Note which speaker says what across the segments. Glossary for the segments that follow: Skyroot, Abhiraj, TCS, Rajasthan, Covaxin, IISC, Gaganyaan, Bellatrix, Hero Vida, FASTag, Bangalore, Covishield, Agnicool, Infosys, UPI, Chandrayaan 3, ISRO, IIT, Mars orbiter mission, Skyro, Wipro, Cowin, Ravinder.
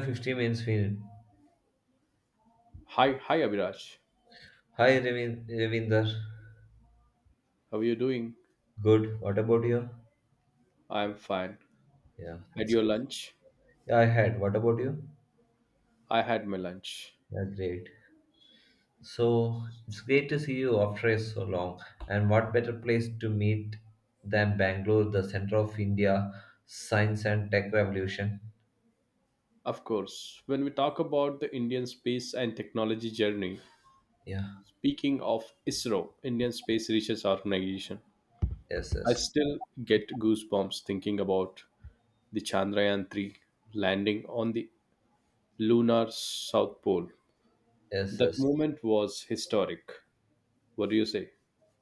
Speaker 1: 50 means we.
Speaker 2: Hi, hi Abhiraj.
Speaker 1: Hi, Ravinder.
Speaker 2: How are you doing?
Speaker 1: Good. What about you?
Speaker 2: I'm fine.
Speaker 1: Yeah,
Speaker 2: Had
Speaker 1: that's
Speaker 2: your
Speaker 1: good.
Speaker 2: lunch?
Speaker 1: Yeah, I had. What about you?
Speaker 2: I had my lunch.
Speaker 1: Yeah, great. So it's great to see you after so long. And what better place to meet than Bangalore, the center of India, science and tech revolution?
Speaker 2: Of course, when we talk about the Indian space and technology journey,
Speaker 1: Yeah.
Speaker 2: speaking of ISRO, Indian Space Research Organization,
Speaker 1: Yes,
Speaker 2: I
Speaker 1: yes,
Speaker 2: still get goosebumps thinking about the Chandrayaan 3 landing on the lunar south pole.
Speaker 1: yes,
Speaker 2: That
Speaker 1: yes.
Speaker 2: moment was historic. What do you say?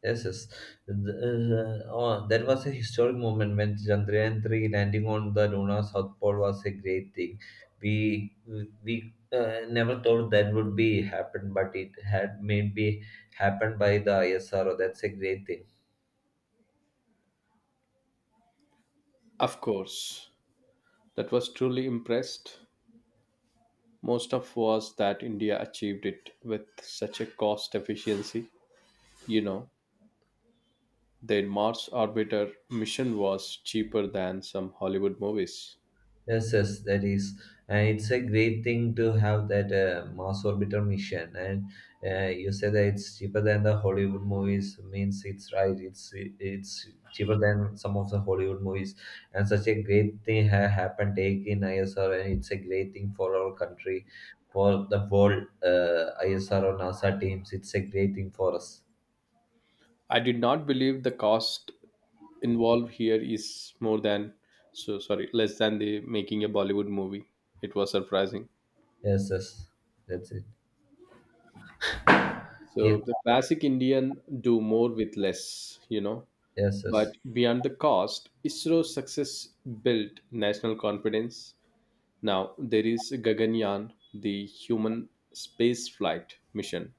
Speaker 1: Yes, yes. Oh, that was a historic moment when Chandrayaan 3 landing on the lunar south pole was a great thing. We we never thought that would be happen, but it had maybe happened by the ISRO. That's a great thing.
Speaker 2: Of course, that was truly impressed. Most of was that India achieved it with such a cost efficiency. You know, their Mars orbiter mission was cheaper than some Hollywood movies.
Speaker 1: Yes, yes, that is, and it's a great thing to have that Mars orbiter mission. And you said that it's cheaper than the Hollywood movies, means it's right. It's cheaper than some of the Hollywood movies, and such a great thing happened take in ISR, and it's a great thing for our country, for the whole ISR or NASA teams. It's a great thing for us.
Speaker 2: I did not believe the cost involved here is more than so sorry, less than the making a Bollywood movie. It was surprising.
Speaker 1: Yes, yes, that's it.
Speaker 2: So
Speaker 1: Yes,
Speaker 2: the classic Indian do more with less, you know.
Speaker 1: yes, yes.
Speaker 2: But beyond the cost, ISRO's success built national confidence. Now, there is Gaganyaan, the human spaceflight mission,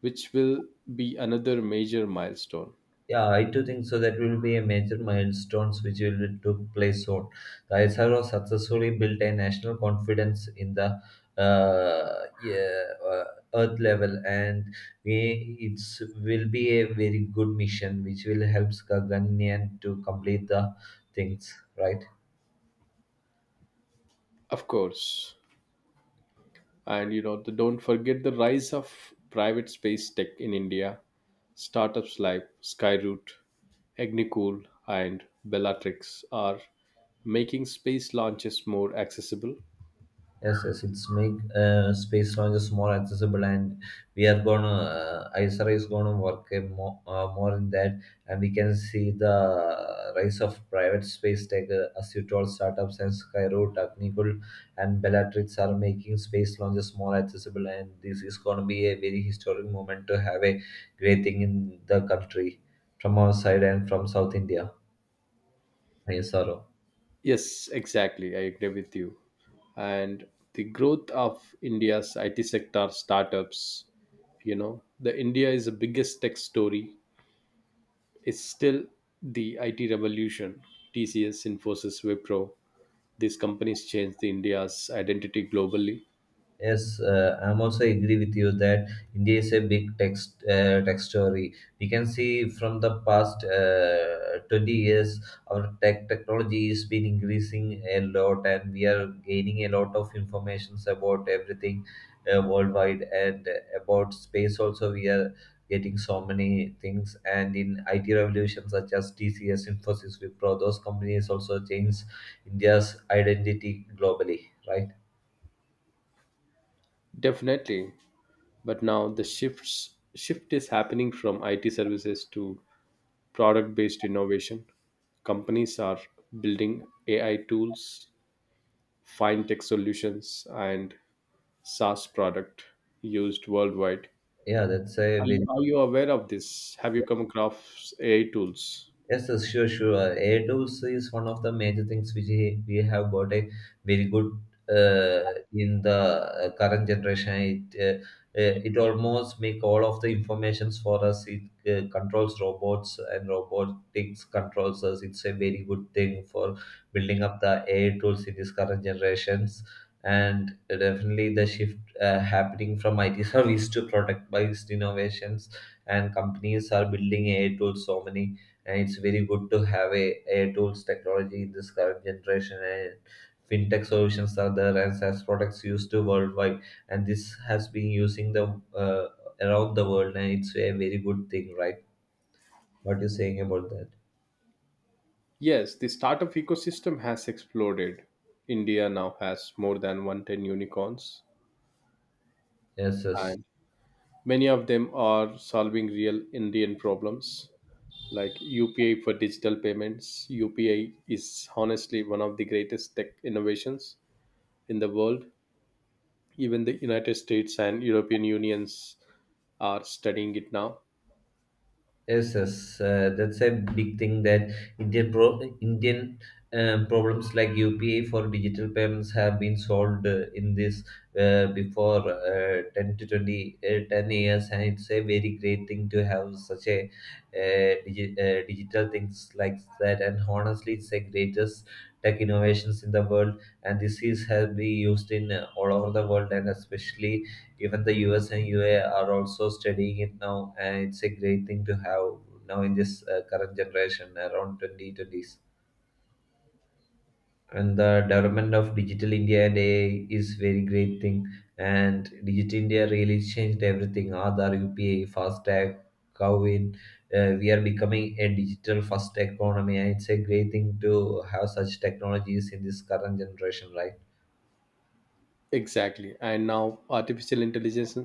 Speaker 2: which will be another major milestone.
Speaker 1: Yeah, I too think so. That will be a major milestones which will took place soon. The ISRO successfully built a national confidence in the uh, yeah, uh, Earth level, and we it's will be a very good mission which will help Gaganyaan to complete the things, right?
Speaker 2: Of course. And you know, the, don't forget the rise of private space tech in India, startups like Skyroot, Agnicool, and Bellatrix are making space launches more accessible.
Speaker 1: Yes, yes, it's make space launches more accessible, and we are gonna ISRA is gonna work a more more in that, and we can see the rise of private space tech as you told startups and Skyro, Technical, and Bellatrix are making space launches more accessible, and this is gonna be a very historic moment to have a great thing in the country from our side and from South India. ISRO.
Speaker 2: Yes, exactly. I agree with you. And the growth of India's IT sector startups, you know, the India is the biggest tech story. It's still the IT revolution. TCS, Infosys, Wipro, these companies changed the India's identity globally.
Speaker 1: Yes, I'm also agree with you that India is a big text tech story. We can see from the past 20 years, our technology has been increasing a lot, and we are gaining a lot of informations about everything worldwide and about space. Also, we are getting so many things, and in IT revolution such as TCS, Infosys, Wipro, those companies also change India's identity globally. Right?
Speaker 2: Definitely. But now the shift is happening from IT services to product-based innovation. Companies are building AI tools, fintech solutions, and SaaS product used worldwide.
Speaker 1: Yeah, that's a
Speaker 2: Are you,
Speaker 1: very.
Speaker 2: are you aware of this? Have you come across AI tools?
Speaker 1: Yes, yes, sure, sure. AI tools is one of the major things which we have got a very good uh, in the current generation. It uh, it almost make all of the informations for us. It controls robots and robotics controls us. It's a very good thing for building up the AI tools in this current generations. And definitely the shift happening from IT service to product-based innovations, and companies are building AI tools so many, and it's very good to have a AI tools technology in this current generation, and fintech solutions are there, and SaaS products used to worldwide, and this has been using the uh, around the world, and it's a very good thing, right? What you saying about that?
Speaker 2: Yes, the startup ecosystem has exploded. India now has more than 110 unicorns,
Speaker 1: Yes, yes.
Speaker 2: and many of them are solving real Indian problems like UPI for digital payments. UPI is honestly one of the greatest tech innovations in the world. Even the United States and European Unions are studying it now.
Speaker 1: Yes, yes, that's a big thing that Indian pro- Indian problems like UPI for digital payments have been solved in this before 10 to 20, 10 years, and it's a very great thing to have such a digital things like that. And honestly, it's the greatest tech innovations in the world, and this is has been used in all over the world, and especially even the US and UA are also studying it now, and it's a great thing to have now in this current generation around 2020s. And the development of digital India and AI is very great thing. And digital India really changed everything. Aadhaar, UPI, FASTag, Cowin. We are becoming a digital first economy, and it's a great thing to have such technologies in this current generation, right?
Speaker 2: Exactly, and now artificial intelligence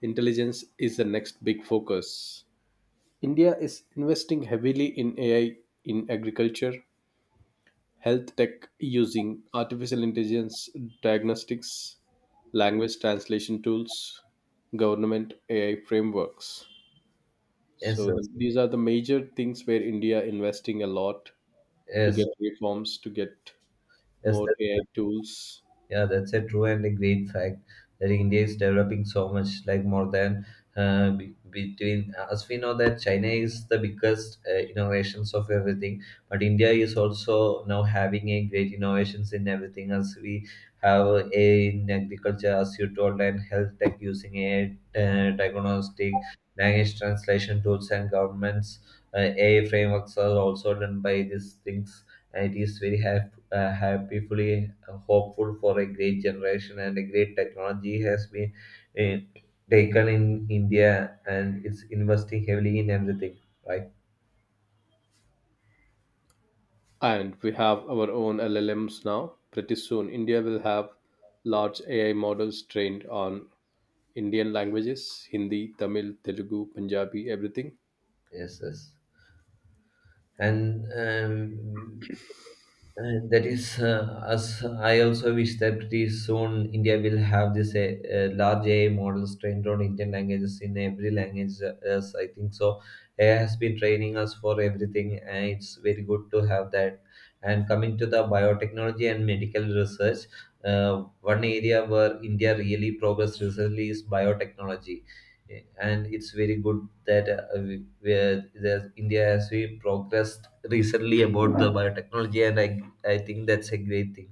Speaker 2: intelligence is the next big focus. India is investing heavily in AI, in agriculture, health tech using artificial intelligence diagnostics, language translation tools, government AI frameworks.
Speaker 1: Yes,
Speaker 2: so
Speaker 1: yes,
Speaker 2: the, these are the major things where India investing a lot to
Speaker 1: yes,
Speaker 2: get
Speaker 1: yes.
Speaker 2: reforms, to get
Speaker 1: Yes.
Speaker 2: more AI
Speaker 1: that's
Speaker 2: tools.
Speaker 1: Yeah, that's a true and a great fact that India is developing so much, like more than between. As we know that China is the biggest innovations of everything, but India is also now having a great innovations in everything. As we have a in agriculture, as you told, and health tech using a diagnostic, language translation tools and governments. AI frameworks are also done by these things. And it is very helpful, happily hopeful for a great generation, and a great technology has been uh, taken in India, and it's investing heavily in everything, right?
Speaker 2: And we have our own LLMs now. Pretty soon, India will have large AI models trained on Indian languages: Hindi, Tamil, Telugu, Punjabi, everything.
Speaker 1: Yes, yes. And um, And that is, as I also wish that pretty soon India will have this large AI models trained on Indian languages in every language. As I think so, AI has been training us for everything, and it's very good to have that. And coming to the biotechnology and medical research, one area where India really progressed recently is biotechnology. And it's very good that that India has we progressed recently about the biotechnology, and I think that's a great thing.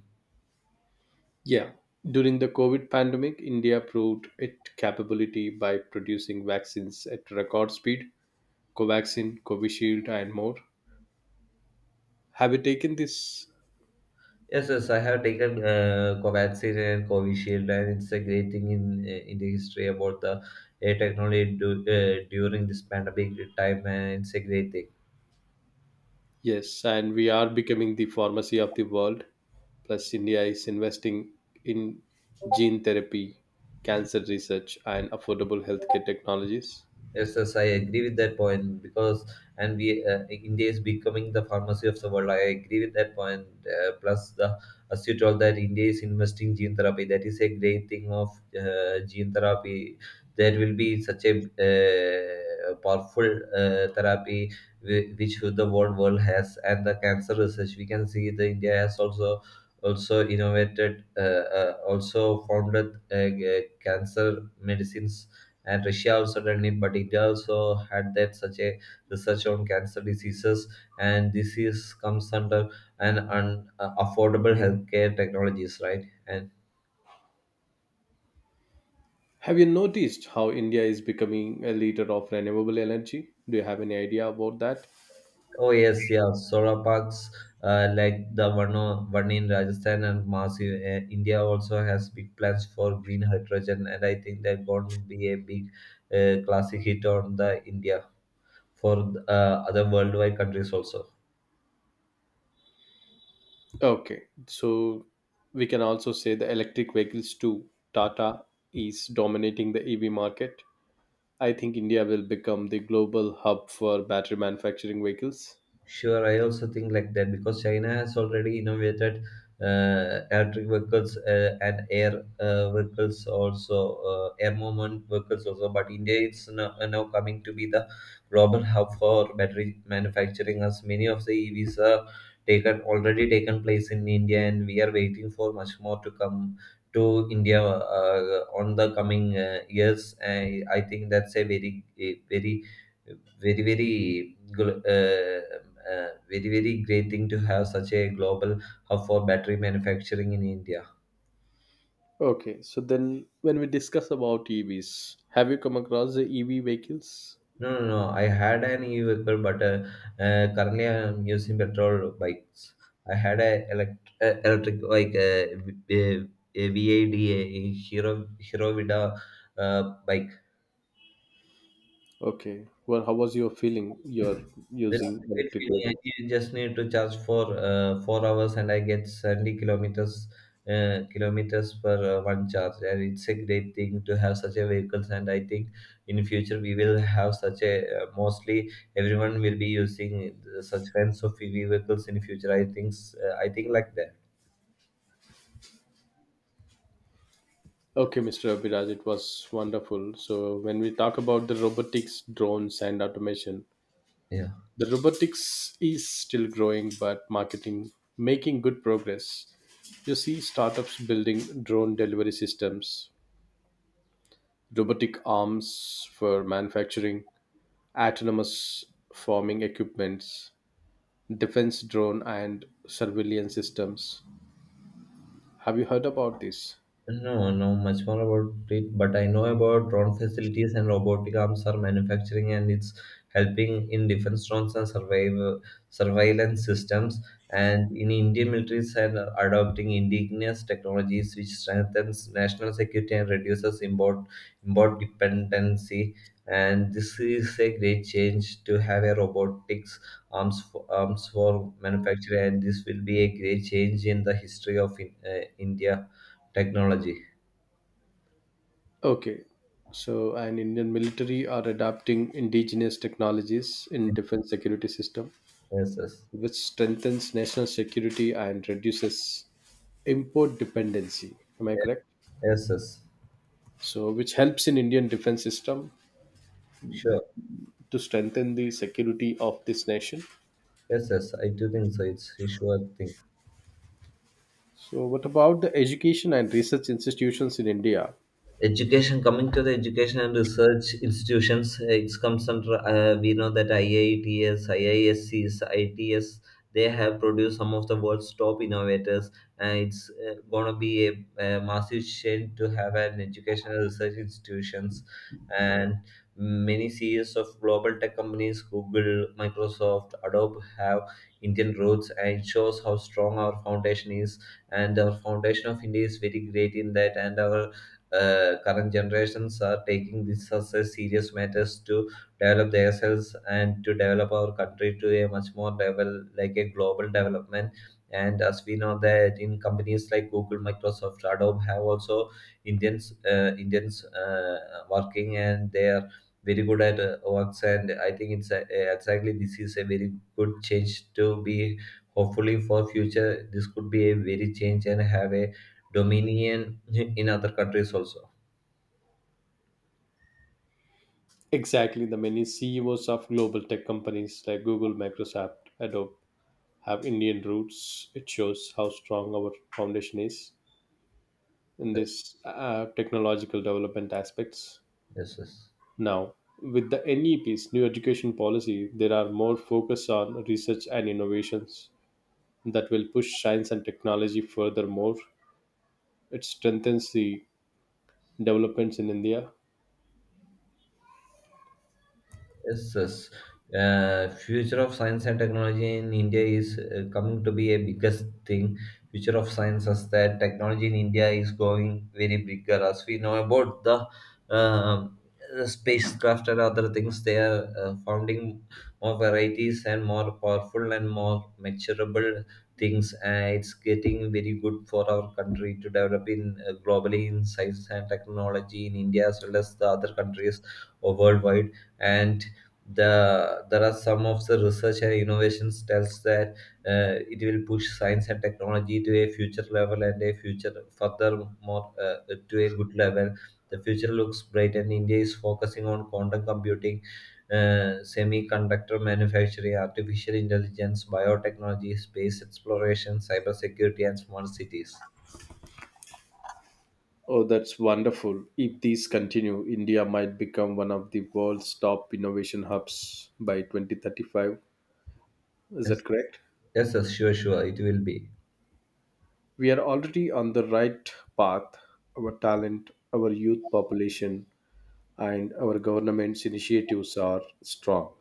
Speaker 2: Yeah. During the COVID pandemic, India proved its capability by producing vaccines at record speed: Covaxin, Covishield, and more. Have you taken this?
Speaker 1: Yes, yes, I have taken Covaxin and Covishield, and it's a great thing in the history about the technology during this pandemic time, and it's a great thing.
Speaker 2: Yes, and we are becoming the pharmacy of the world. Plus, India is investing in gene therapy, cancer research, and affordable healthcare technologies.
Speaker 1: Yes, yes, I agree with that point, because, and we India is becoming the pharmacy of the world. I agree with that point. Plus, the as you told that India is investing gene therapy. That is a great thing of gene therapy. There will be such a powerful therapy, which the world has, and the cancer research. We can see the India has also innovated, also founded uh, cancer medicines, and Russia also done it, but India also had that such a research on cancer diseases, and this is comes under affordable healthcare technologies, right? And
Speaker 2: Have you noticed how India is becoming a leader of renewable energy? Do you have any idea about that?
Speaker 1: oh yes, yeah, solar parks like the one in Rajasthan and massive India also has big plans for green hydrogen, and I think that are going to be a big classic hit on the India for other worldwide countries also.
Speaker 2: Okay, so we can also say the electric vehicles too. Tata is dominating the EV market. I think India will become the global hub for battery manufacturing vehicles.
Speaker 1: Sure, I also think like that because China has already innovated electric vehicles and air vehicles also, air movement vehicles also. But India is now coming to be the global hub for battery manufacturing, as many of the EVs are taken already taken place in India, and we are waiting for much more to come to India on the coming years. I think that's a very very great thing to have such a global hub for battery manufacturing in India.
Speaker 2: Okay, so then when we discuss about EVs, have you come across the EV vehicles?
Speaker 1: No, no, no. I had an e-vehicle, but currently I'm using petrol bikes. I had a electric a Vida Hero Vida bike.
Speaker 2: Okay, well, how was your feeling? You're
Speaker 1: That a
Speaker 2: using
Speaker 1: great
Speaker 2: electric
Speaker 1: feeling.
Speaker 2: vehicles.
Speaker 1: You just need to charge for 4 hours, and I get 70 kilometers per one charge. And it's a great thing to have such a vehicles. And I think in future we will have such a mostly everyone will be using such kinds of EV vehicles in future. I think like that.
Speaker 2: Okay, Mr. Abhiraj, it was wonderful. So when we talk about the robotics, drones, and automation,
Speaker 1: Yeah.
Speaker 2: the robotics is still growing, but marketing making good progress. You see startups building drone delivery systems, robotic arms for manufacturing, autonomous farming equipments, defense drone and surveillance systems. Have you heard about this?
Speaker 1: No, no much more about it, but I know about drone facilities and robotic arms are manufacturing, and it's helping in defense drones and surveillance systems. And in Indian militaries are adopting indigenous technologies, which strengthens national security and reduces import dependency. And this is a great change to have a robotics arms for manufacturing, and this will be a great change in the history of India technology.
Speaker 2: Okay, so an Indian military are adapting indigenous technologies in
Speaker 1: Yes,
Speaker 2: defense security system,
Speaker 1: yes, yes,
Speaker 2: which strengthens national security and reduces import dependency. Am I correct?
Speaker 1: yes. Yes.
Speaker 2: So, which helps in Indian defense system
Speaker 1: Sure.
Speaker 2: to strengthen the security of this nation.
Speaker 1: Yes, yes. I do think so. It's a sure thing.
Speaker 2: So, what about the education and research institutions in India?
Speaker 1: Education Coming to the education and research institutions, it's comes under, we know that IITs IIScs its they have produced some of the world's top innovators, and it's going to be a massive change to have an educational research institutions. And many CEOs of global tech companies Google, Microsoft, Adobe have Indian roots, and it shows how strong our foundation is. And our foundation of India is very great in that, and our current generations are taking this as a serious matters to develop themselves and to develop our country to a much more level like a global development. And as we know that in companies like Google, Microsoft, Adobe have also Indians working, and they are very good at works. And I think exactly this is a very good change to be hopefully for future. This could be a very change and have a dominion in other countries also.
Speaker 2: Exactly, the many CEOs of global tech companies like Google, Microsoft, Adobe have Indian roots. It shows how strong our foundation is in
Speaker 1: Yes,
Speaker 2: this technological development aspects.
Speaker 1: yes, yes.
Speaker 2: Now, with the NEP's new education policy, there are more focus on research and innovations that will push science and technology furthermore. It strengthens the developments in India.
Speaker 1: Yes, yes. Future of science and technology in India is coming to be a biggest thing. Future of science is that technology in India is going very bigger. As we know about the um, spacecraft and other things, they are founding more varieties and more powerful and more measurable things. And it's getting very good for our country to develop in globally in science and technology in India as well as the other countries worldwide, and there are some of the research and innovations tells that it will push science and technology to a future level and a future furthermore to a good level. The future looks bright, and India is focusing on quantum computing, semiconductor manufacturing, artificial intelligence, biotechnology, space exploration, cybersecurity and smart cities.
Speaker 2: Oh, that's wonderful. If these continue, India might become one of the world's top innovation hubs by 2035. Is
Speaker 1: Yes,
Speaker 2: that correct?
Speaker 1: yes, yes, sure, sure it will be.
Speaker 2: We are already on the right path. Our talent, our youth population, and our government's initiatives are strong.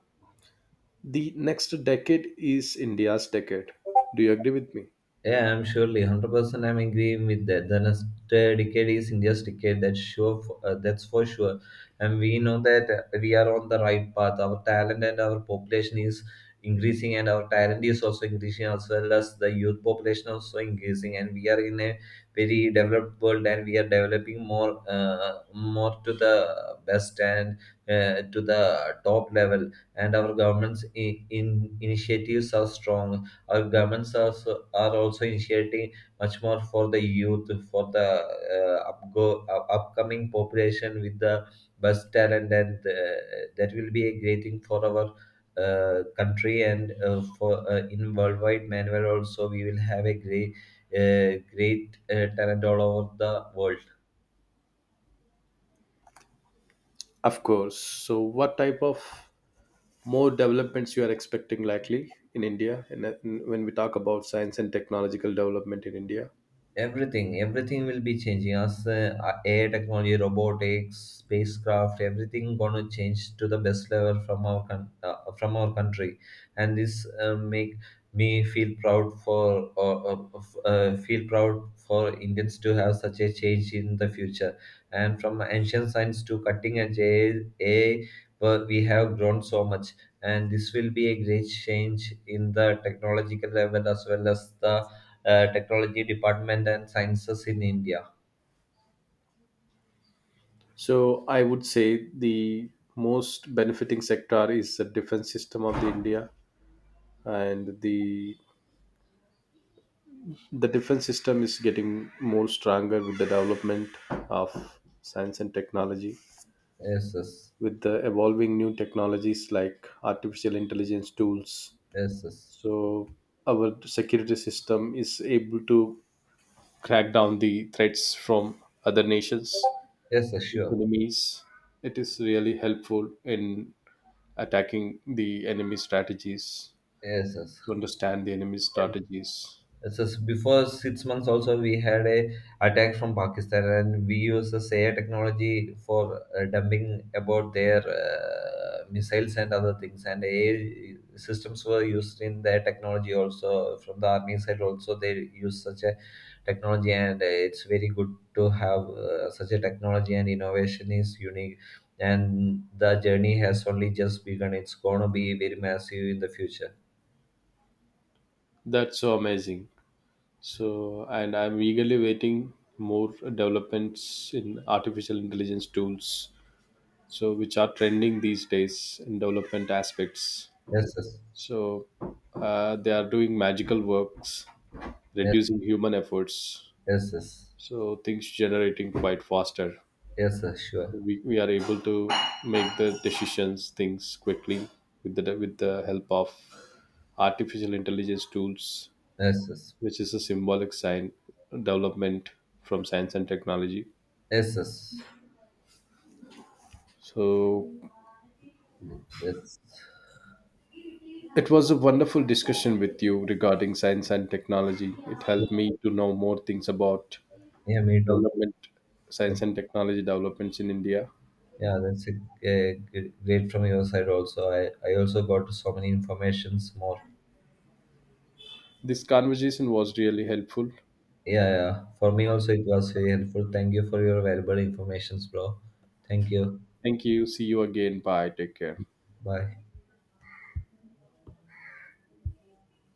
Speaker 2: The next decade is India's decade. Do you agree with me?
Speaker 1: Yeah, I'm surely 100% I'm agreeing with that. The next decade is India's decade. That's sure. That's for sure. And we know that we are on the right path. Our talent and our population is increasing, and our talent is also increasing, as well as the youth population also increasing. And we are in a very developed world, and we are developing more, more to the best and to the top level. And our government's in initiatives are strong. Our governments are, are also initiating much more for the youth, for the upcoming population with the bus talent, and that will be a great thing for our country, and for in worldwide manner also we will have a great talent all over the world.
Speaker 2: Of course. So, what type of more developments you are expecting likely in India, and that- and when we talk about science and technological development in India.
Speaker 1: Everything will be changing as AI technology, robotics, spacecraft, everything gonna change to the best level from our from our country, and this make me feel proud for feel proud for Indians to have such a change in the future, and from ancient science to cutting edge AI, well, we have grown so much, and this will be a great change in the technological level as well as the technology department and sciences in India.
Speaker 2: So I would say the most benefiting sector is the defense system of the India, and the defense system is getting more stronger with the development of science and technology,
Speaker 1: Yes, yes,
Speaker 2: with the evolving new technologies like artificial intelligence tools.
Speaker 1: yes, yes,
Speaker 2: So our security system is able to crack down the threats from other nations,
Speaker 1: yes, yes, sure.
Speaker 2: enemies. It is really helpful in attacking the enemy strategies,
Speaker 1: Yes, yes.
Speaker 2: to understand the enemy strategies.
Speaker 1: Before 6 months also we had a attack from Pakistan, and we use the AI technology for dumping about their missiles and other things, and AI systems were used in their technology also. From the army side also they use such a technology, and it's very good to have such a technology, and innovation is unique, and the journey has only just begun. It's going to be very massive in the future.
Speaker 2: That's so amazing. So, and I'm eagerly waiting more developments in artificial intelligence tools, so which are trending these days in development aspects.
Speaker 1: Yes, yes,
Speaker 2: So they are doing magical works,
Speaker 1: yes,
Speaker 2: reducing human efforts,
Speaker 1: yes, yes.
Speaker 2: so things generating quite faster.
Speaker 1: Yes, sir, sure.
Speaker 2: We are able to make the decisions things quickly with the help of artificial intelligence tools,
Speaker 1: Yes, yes,
Speaker 2: which is a symbolic sign development from science and technology.
Speaker 1: yes, yes.
Speaker 2: So
Speaker 1: That's
Speaker 2: it was a wonderful discussion with you regarding science and technology. It helped me to know more things about
Speaker 1: Yeah, me too.
Speaker 2: development, science and technology developments in India.
Speaker 1: Yeah, a great from your side also. I also got so many informations more.
Speaker 2: This conversation was really helpful.
Speaker 1: Yeah, yeah. For me also it was very helpful. Thank you for your valuable informations, bro. Thank you.
Speaker 2: Thank you. See you again. Bye. Take care.
Speaker 1: Bye.